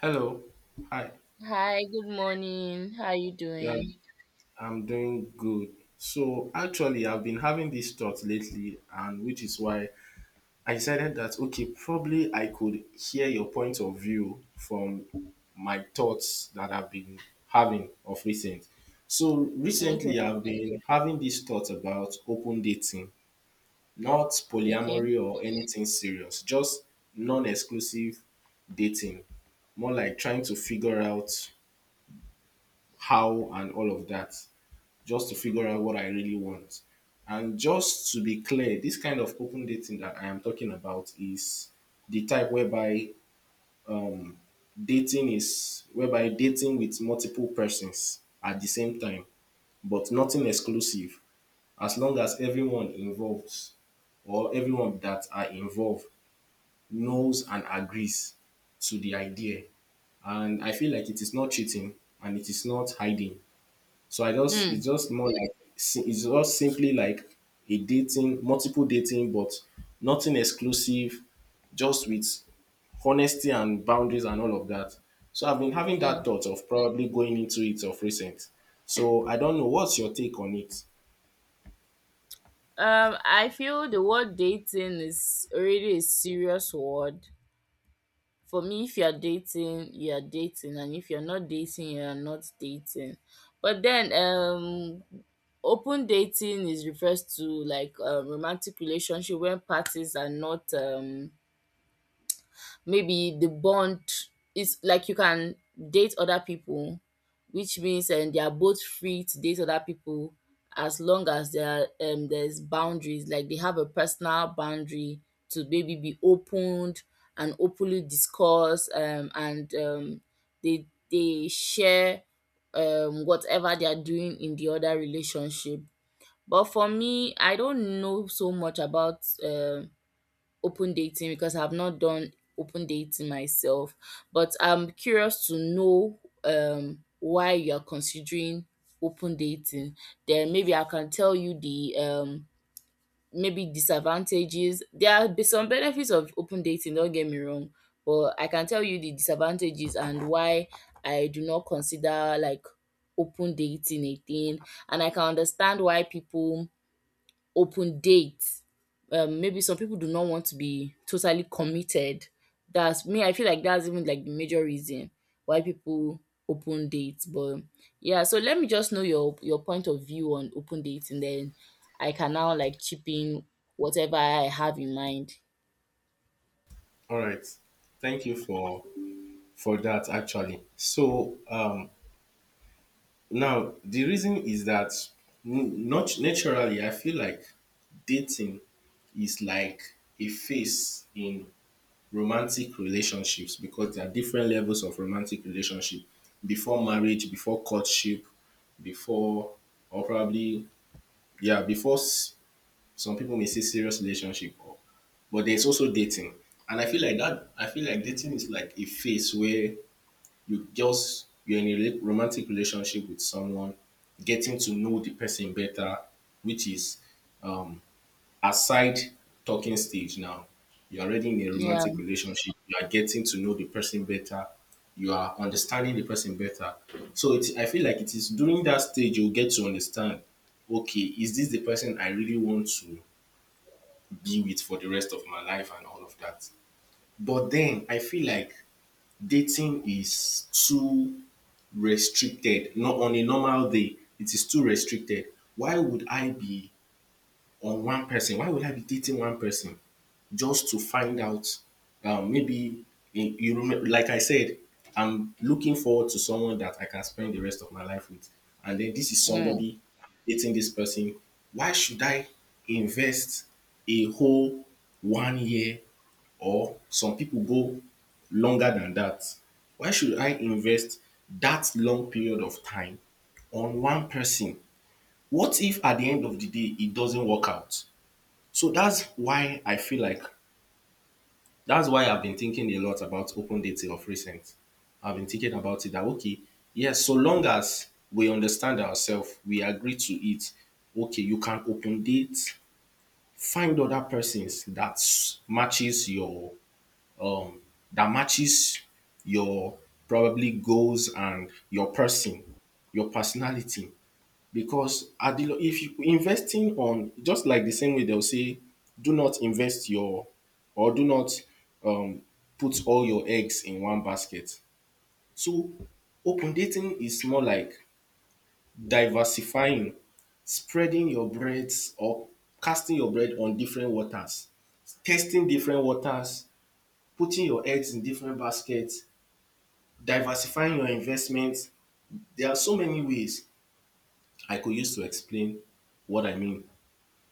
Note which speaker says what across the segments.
Speaker 1: Hello. Hi.
Speaker 2: Hi, good morning. How are you
Speaker 1: Yeah,
Speaker 2: doing?
Speaker 1: I'm doing good. So actually, I've been having these thoughts lately, and which is why I decided that okay, probably I could hear your point of view from my thoughts that I've been having of recent. So
Speaker 2: Okay.
Speaker 1: recently, I've been having these thoughts about open dating, not
Speaker 2: Okay.
Speaker 1: polyamory or anything serious, just non-exclusive dating, more like trying to figure out how and all of that. Just to figure out what I really want. And just to be clear, this kind of open dating that I am talking about is the type whereby dating is whereby dating with multiple persons at the same time, but nothing exclusive. As long as everyone involved or everyone that are involved knows and agrees to the idea. And I feel like it is not cheating and it is not hiding. So I just it's
Speaker 2: Mm,
Speaker 1: just more like si- it's just simply like a dating, multiple dating, but nothing exclusive, just with honesty and boundaries and all of that. So I've been having that
Speaker 2: mm.
Speaker 1: thought of probably going into it of recent. So I don't know what's your take on it.
Speaker 2: I feel the word dating is already a serious word. For me, if you're dating, you're dating, and if you're not dating, you're not dating. But then, open dating is refers to like a romantic relationship when parties are not maybe the bond is like you can date other people, which means they are both free to date other people as long as there are there's boundaries, like they have a personal boundary to maybe be opened and openly discuss and they they share whatever they are doing in the other relationship. But for me, I don't know so much about open dating because I've not done open dating myself. But I'm curious to know why you're considering open dating. Then maybe I can tell you the maybe disadvantages. Some benefits of open dating, don't get me wrong, but I can tell you the disadvantages and why I do not consider like open dating a thing. And I can understand why people open date. Maybe some people do not want to be totally committed. That's me. I feel like that's even like the major reason why people open dates. But yeah, so let me just know your point of view on open dates, and then I can now like chip in whatever I have in mind.
Speaker 1: All right. Thank you for that actually. So now the reason is that not naturally I feel like dating is like a phase in romantic relationships, because there are different levels of romantic relationship before marriage, before courtship, before or probably yeah, before some people may say serious relationship or but there's also dating. And I feel like dating is like a phase where you're in a romantic relationship with someone, getting to know the person better, which is um aside talking stage. Now, you're already in a
Speaker 2: Yeah.
Speaker 1: romantic relationship. You are getting to know the person better. You are understanding the person better. So I feel like it is during that stage you get to understand, okay, is this the person I really want to be with for the rest of my life and all of that. But then I feel like dating is too restricted. Not on a normal day, it is too restricted. Why would I be on one person. Why would I be dating one person just to find out? Maybe in, you remember, like I said, I'm looking forward to someone that I can spend the rest of my life with, and then this is
Speaker 2: Mm.
Speaker 1: somebody dating this person. Why should I invest a whole 1 year or some people go longer than that? Why should I invest that long period of time on one person? What if at the end of the day it doesn't work out? So that's why I feel like that's why I've been thinking a lot about open dating of recent. I've been thinking about it that okay, yes, so long as we understand ourselves, we agree to it. Okay, you can open date, find other persons that um matches your probably goals and your personality. Because at the if you investing on, just like the same way they'll say, do not invest your or do not um, put all your eggs in one basket. So open dating is more like diversifying, spreading your breads or casting your bread on different waters, testing different waters, putting your eggs in different baskets, diversifying your investments. There are so many ways I could use to explain what I mean.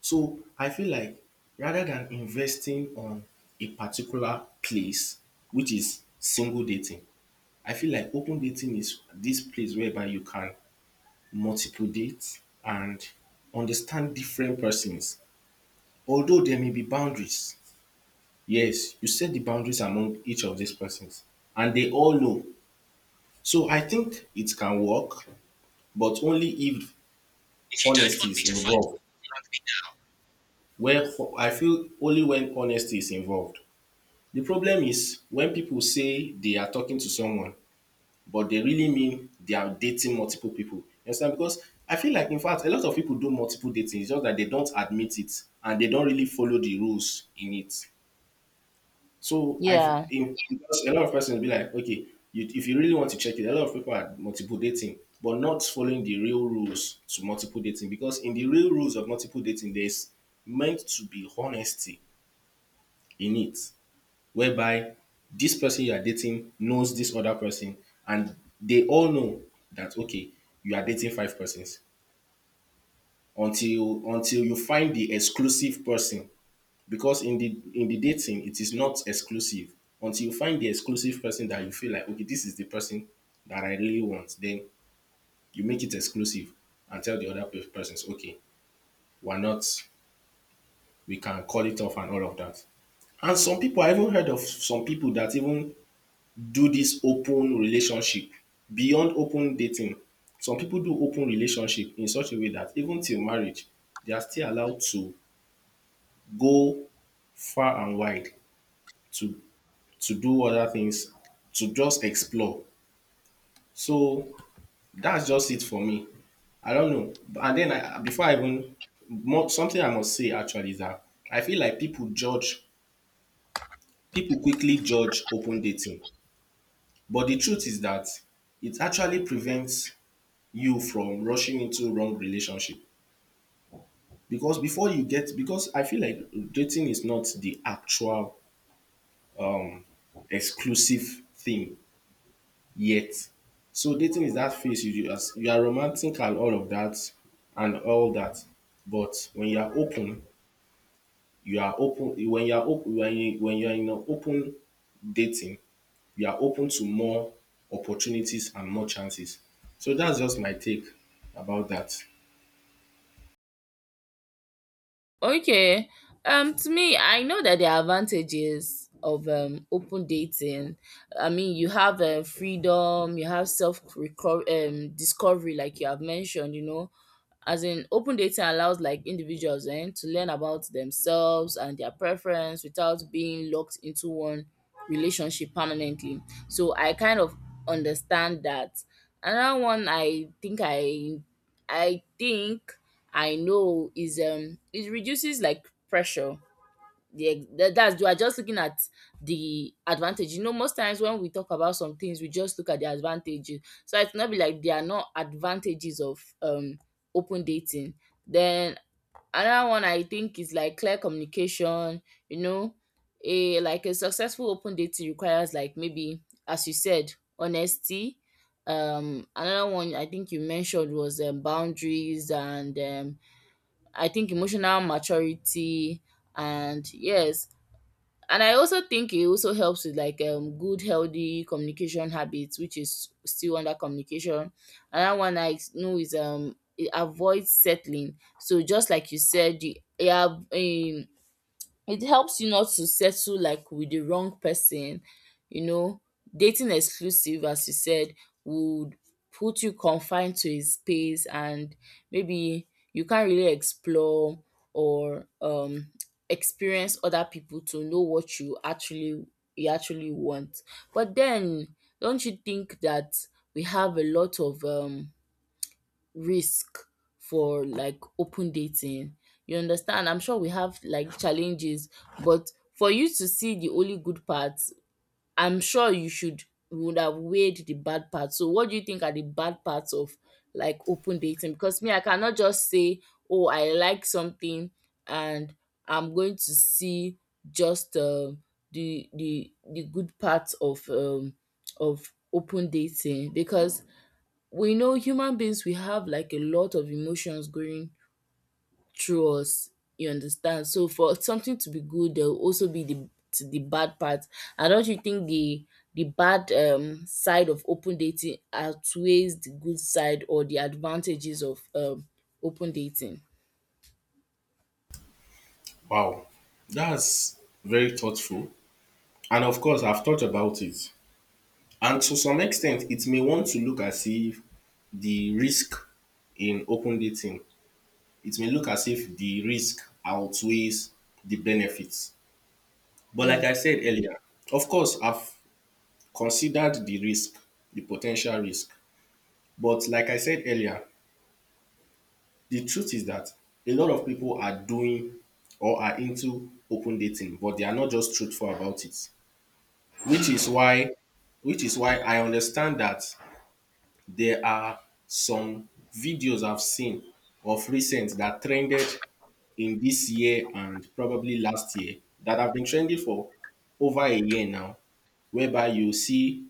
Speaker 1: So I feel like rather than investing on a particular place, which is single dating, I feel like open dating is this place whereby you can multiple date and understand different persons. Although there may be boundaries, yes, you set the boundaries among each of these persons, and they all know. So I think it can work, but only if
Speaker 2: If you don't
Speaker 1: honesty
Speaker 2: want me
Speaker 1: is
Speaker 2: to fight,
Speaker 1: involved.
Speaker 2: you, plug
Speaker 1: I feel only when honesty is involved. The problem is when people say they are talking to someone but they really mean they are dating multiple people. You understand? Because I feel like in fact a lot of people do multiple dating, it's just that they don't admit it and they don't really follow the rules in it. So
Speaker 2: me now.
Speaker 1: I've
Speaker 2: Yeah.
Speaker 1: in because a lot of persons be like, okay, if you really want to check it, a lot of people are multiple dating, but not following the real rules to multiple dating. Because in the real rules of multiple dating, there's meant to be honesty in it, whereby this person you are dating knows this other person and they all know that okay, you are dating five persons until you find the exclusive person, because in the dating it is not exclusive until you find the exclusive person that you feel like okay, this is the person that I really want. Then you make it exclusive and tell the other persons okay, we're not we can call it off and all of that. And some people, I even heard of some people that even do this open relationship beyond open dating. Some people do open relationship in such a way that even till marriage, they are still allowed to go far and wide to do other things, to just explore. So that's just it for me. I don't know. And then I, before I even more, something I must say actually is that I feel like people quickly judge open dating, but the truth is that it actually prevents you from rushing into wrong relationship. Because before you get, because I feel like dating is not the actual exclusive thing yet. So dating is that phase you you as you are romantic and all of that and all that. But when you are open when you are open when you are in an open dating, you are open to more opportunities and more chances. So that's just my take about that.
Speaker 2: Okay. To me, I know that there are advantages of open dating. I mean, you have freedom, you have self discovery, like you have mentioned. You know, as in open dating allows like individuals to learn about themselves and their preference without being locked into one relationship permanently. So I kind of understand that. Another one I think I know is it reduces like pressure. That's, you are just looking at the advantage. You know, most times when we talk about some things, we just look at the advantages. So it's not be like there are no advantages of open dating. Then another one I think is like clear communication, you know, a like a successful open dating requires, like, maybe, as you said, honesty. Another one I think you mentioned was boundaries, and I think emotional maturity, and yes, and I also think it also helps with like good healthy communication habits, which is still under communication. Another one I know is it avoids settling. So just like you said, you have it helps you not to settle like with the wrong person, you know. Dating exclusive, as you said, would put you confined to a space, and maybe you can't really explore or experience other people to know what you actually want. But then, don't you think that we have a lot of risk for like open dating? You understand? I'm sure we have like challenges, but for you to see the only good parts, I'm sure you would have weighed the bad parts. So what do you think are the bad parts of like open dating? Because me, I cannot just say, oh, I like something, and I'm going to see just the good parts of open dating, because we know human beings, we have like a lot of emotions going through us, you understand? So for something to be good, there will also be the bad part. And don't you think the bad side of open dating outweighs the good side or the advantages of open dating?
Speaker 1: Wow, that's very thoughtful. And of course, I've thought about it. And to some extent, it may want to look as if the risk in open dating, it may look as if the risk outweighs the benefits. But like
Speaker 2: mm,
Speaker 1: I said earlier, of course, I've considered the risk, the potential risk. But like I said earlier, the truth is that a lot of people are doing or are into open dating, but they are not just truthful about it. which
Speaker 2: mm.
Speaker 1: is why which is why I understand that there are some videos I've seen of recent that trended in this year and probably last year, that have been trending for over a year now, whereby you see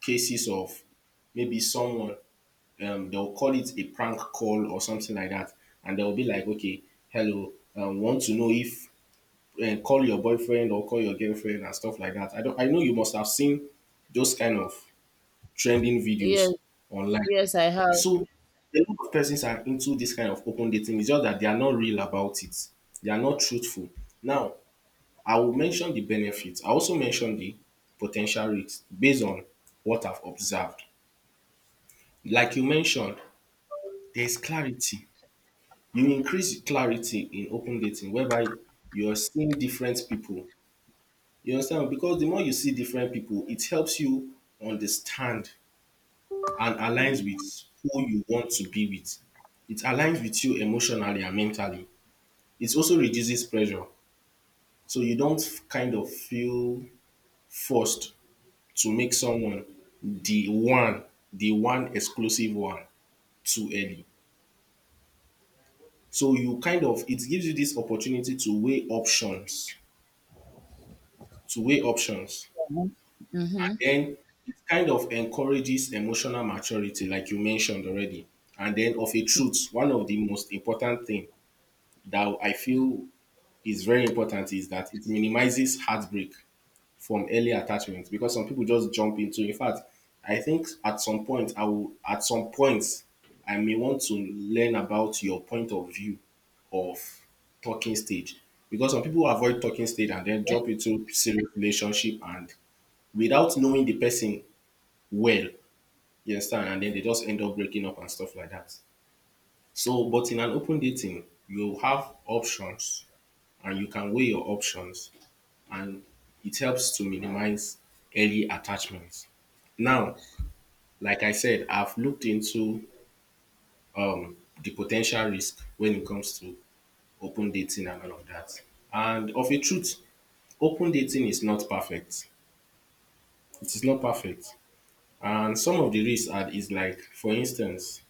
Speaker 1: cases of maybe someone, they'll call it a prank call or something like that, and they'll be like okay, hello, want to know if call your boyfriend or call your girlfriend and stuff like that. I don't. I know you must have seen those kind of trending
Speaker 2: Yes.
Speaker 1: videos online.
Speaker 2: Yes, I have.
Speaker 1: So a lot of persons are into this kind of open dating. It's just that they are not real about it. They are not truthful. Now, I will mention the benefits. I also mention the potential risks based on what I've observed. Like you mentioned, there's clarity. You increase clarity in open dating, whereby you are seeing different people. You understand? Because the more you see different people, it helps you understand and aligns with who you want to be with. It aligns with you emotionally and mentally. It also reduces pressure. So you don't kind of feel forced to make someone the one, the one exclusive one too early. So you kind of, it gives you this opportunity to weigh options, to weigh options
Speaker 2: Mm-hmm.
Speaker 1: and then it kind of encourages emotional maturity, like you mentioned already. And then of a truth, one of the most important thing that I feel is very important is that it minimizes heartbreak from early attachments, because some people just jump into. In fact, I think at some point I will at some point I may want to learn about your point of view of talking stage, because some people avoid talking stage and then jump into serious relationship and without knowing the person well. You understand? And then they just end up breaking up and stuff like that. So, but in an open dating, you have options and you can weigh your options, and it helps to minimize early attachments. Now, like I said, I've looked into the potential risk when it comes to open dating and all of that. And of a truth, open dating is not perfect. It is not perfect. And some of the risks are is like, for instance,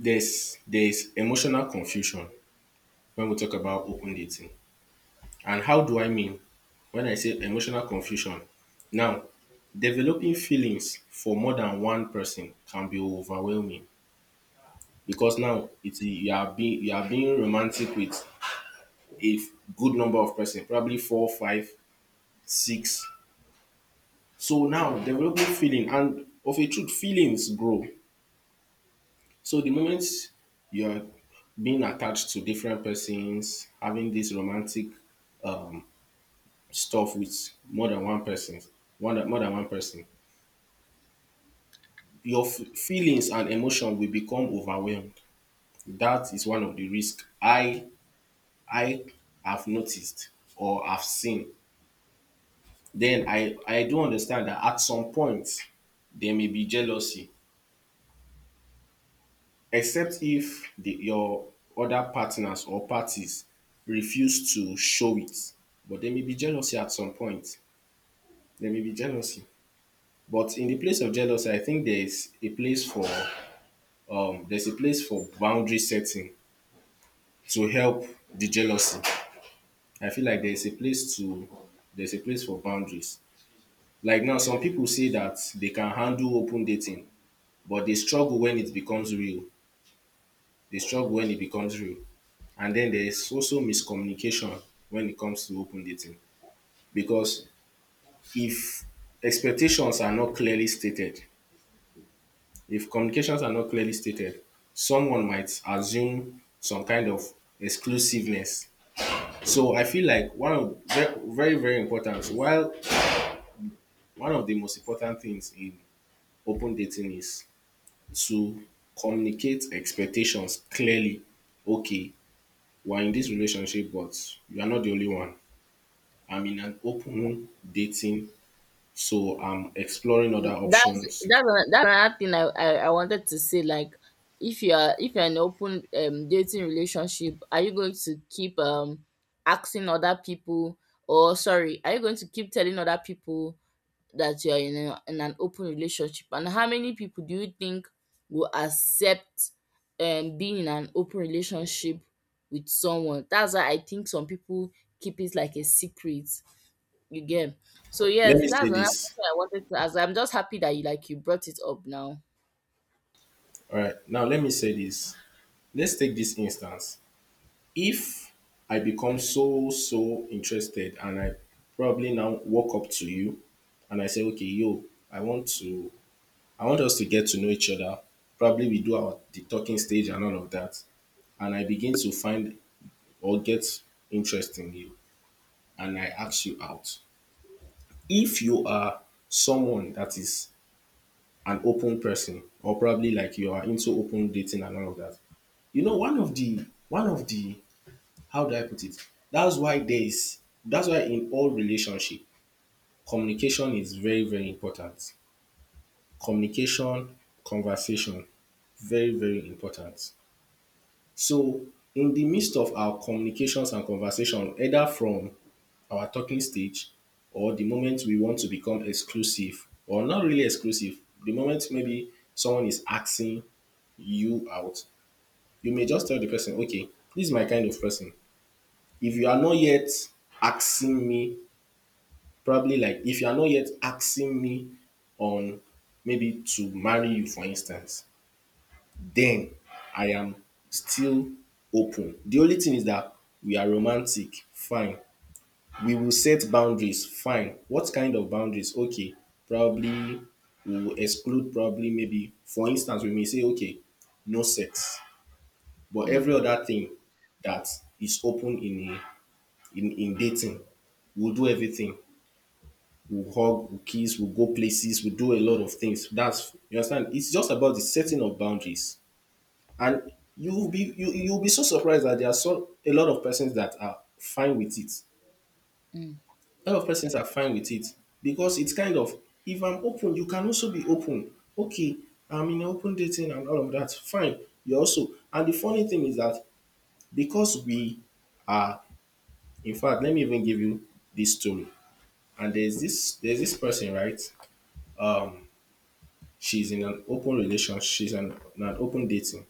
Speaker 1: There's emotional confusion when we talk about open dating. And how do I mean when I say emotional confusion? Now, developing feelings for more than one person can be overwhelming because now it's you are being romantic with a good number of person, probably four, five, six. So now developing feeling and of a truth, feelings grow. So the moment you're being attached to different persons, having this romantic stuff with more than one person, more than one person, your feelings and emotion will become overwhelmed. That is one of the risk I have noticed or have seen. Then I do understand that at some point there may be jealousy, except if your other partners or parties refuse to show it. But there may be jealousy at some point. There may be jealousy. But in the place of jealousy, I think there is a place for boundary setting to help the jealousy. I feel like there's a place for boundaries. Like now, some people say that they can handle open dating, but they struggle when it becomes real. They struggle when it becomes real. And then there is also miscommunication when it comes to open dating. Because if expectations are not clearly stated, if communications are not clearly stated, someone might assume some kind of exclusiveness. So I feel like one of very very very important. While one of the most important things in open dating is to communicate expectations clearly. Okay, we're in this relationship, but you are not the only one. I'm in an open dating, so I'm exploring other
Speaker 2: that's
Speaker 1: options.
Speaker 2: that's another thing I, I wanted to say. Like, if you are, if you're in an open dating relationship, are you going to keep asking other people, or sorry, are you going to keep telling other people that you are in, a, in an open relationship? And how many people do you think will accept being in an open relationship with someone? That's why I think some people keep it like a secret, you get. So
Speaker 1: Let
Speaker 2: yes,
Speaker 1: me say
Speaker 2: that's another
Speaker 1: this.
Speaker 2: question I wanted to ask. I'm just happy that you like you brought it up now.
Speaker 1: All right, now let me say this. Let's take this instance. If I become so interested and I probably now walk up to you and I say, okay, yo, I want to, I want us to get to know each other. Probably we do our the talking stage and all of that, and I begin to find or get interest in you, and I ask you out. If you are someone that is an open person, or probably like you are into open dating and all of that, you know one of the how do I put it? That's why there is that's why in all relationship, communication is very, very important. Communication, conversation, very, very important. So in the midst of our communications and conversation, either from our talking stage or the moment we want to become exclusive or not really exclusive, the moment maybe someone is asking you out, you may just tell the person, okay, this is my kind of person. If you are not yet asking me, probably like if you are not yet asking me on, maybe to marry you for instance, then I am still open. The only thing is that we are romantic, fine, we will set boundaries, fine. What kind of boundaries? Okay, probably we will exclude, probably maybe for instance we may say, okay, no sex, but
Speaker 2: Mm,
Speaker 1: every other thing that is open in in dating we'll do everything. We'll hug, we'll kiss, we'll go places, we'll do a lot of things. That's, you understand. It's just about the setting of boundaries, and you'll be so surprised that there are so a lot of persons that are fine with it.
Speaker 2: mm.
Speaker 1: A lot of persons are fine with it because it's kind of, if I'm open, you can also be open. Okay, I'm in open dating and all of that. Fine, you also. And the funny thing is that because we are, in fact, let me even give you this story. And there's this person, right, she's in an open relationship, she's in an open dating,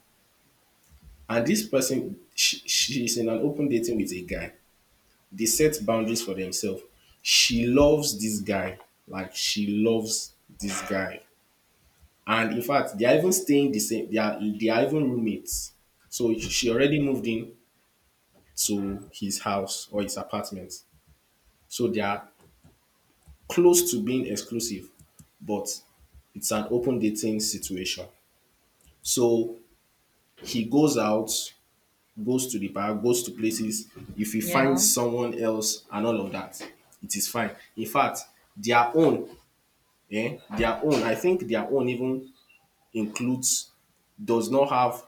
Speaker 1: and this person, she's in an open dating with a guy. They set boundaries for themselves. She loves this guy, like she loves this guy, and in fact, they are even staying the same. They are even roommates. So she already moved in to his house or his apartment. So they are close to being exclusive, but it's an open dating situation. So he goes out, goes to the bar, goes to places. If you find
Speaker 2: Yeah.
Speaker 1: someone else and all of that, it is fine. In fact, their own, eh, their own, I think their own even includes, does not have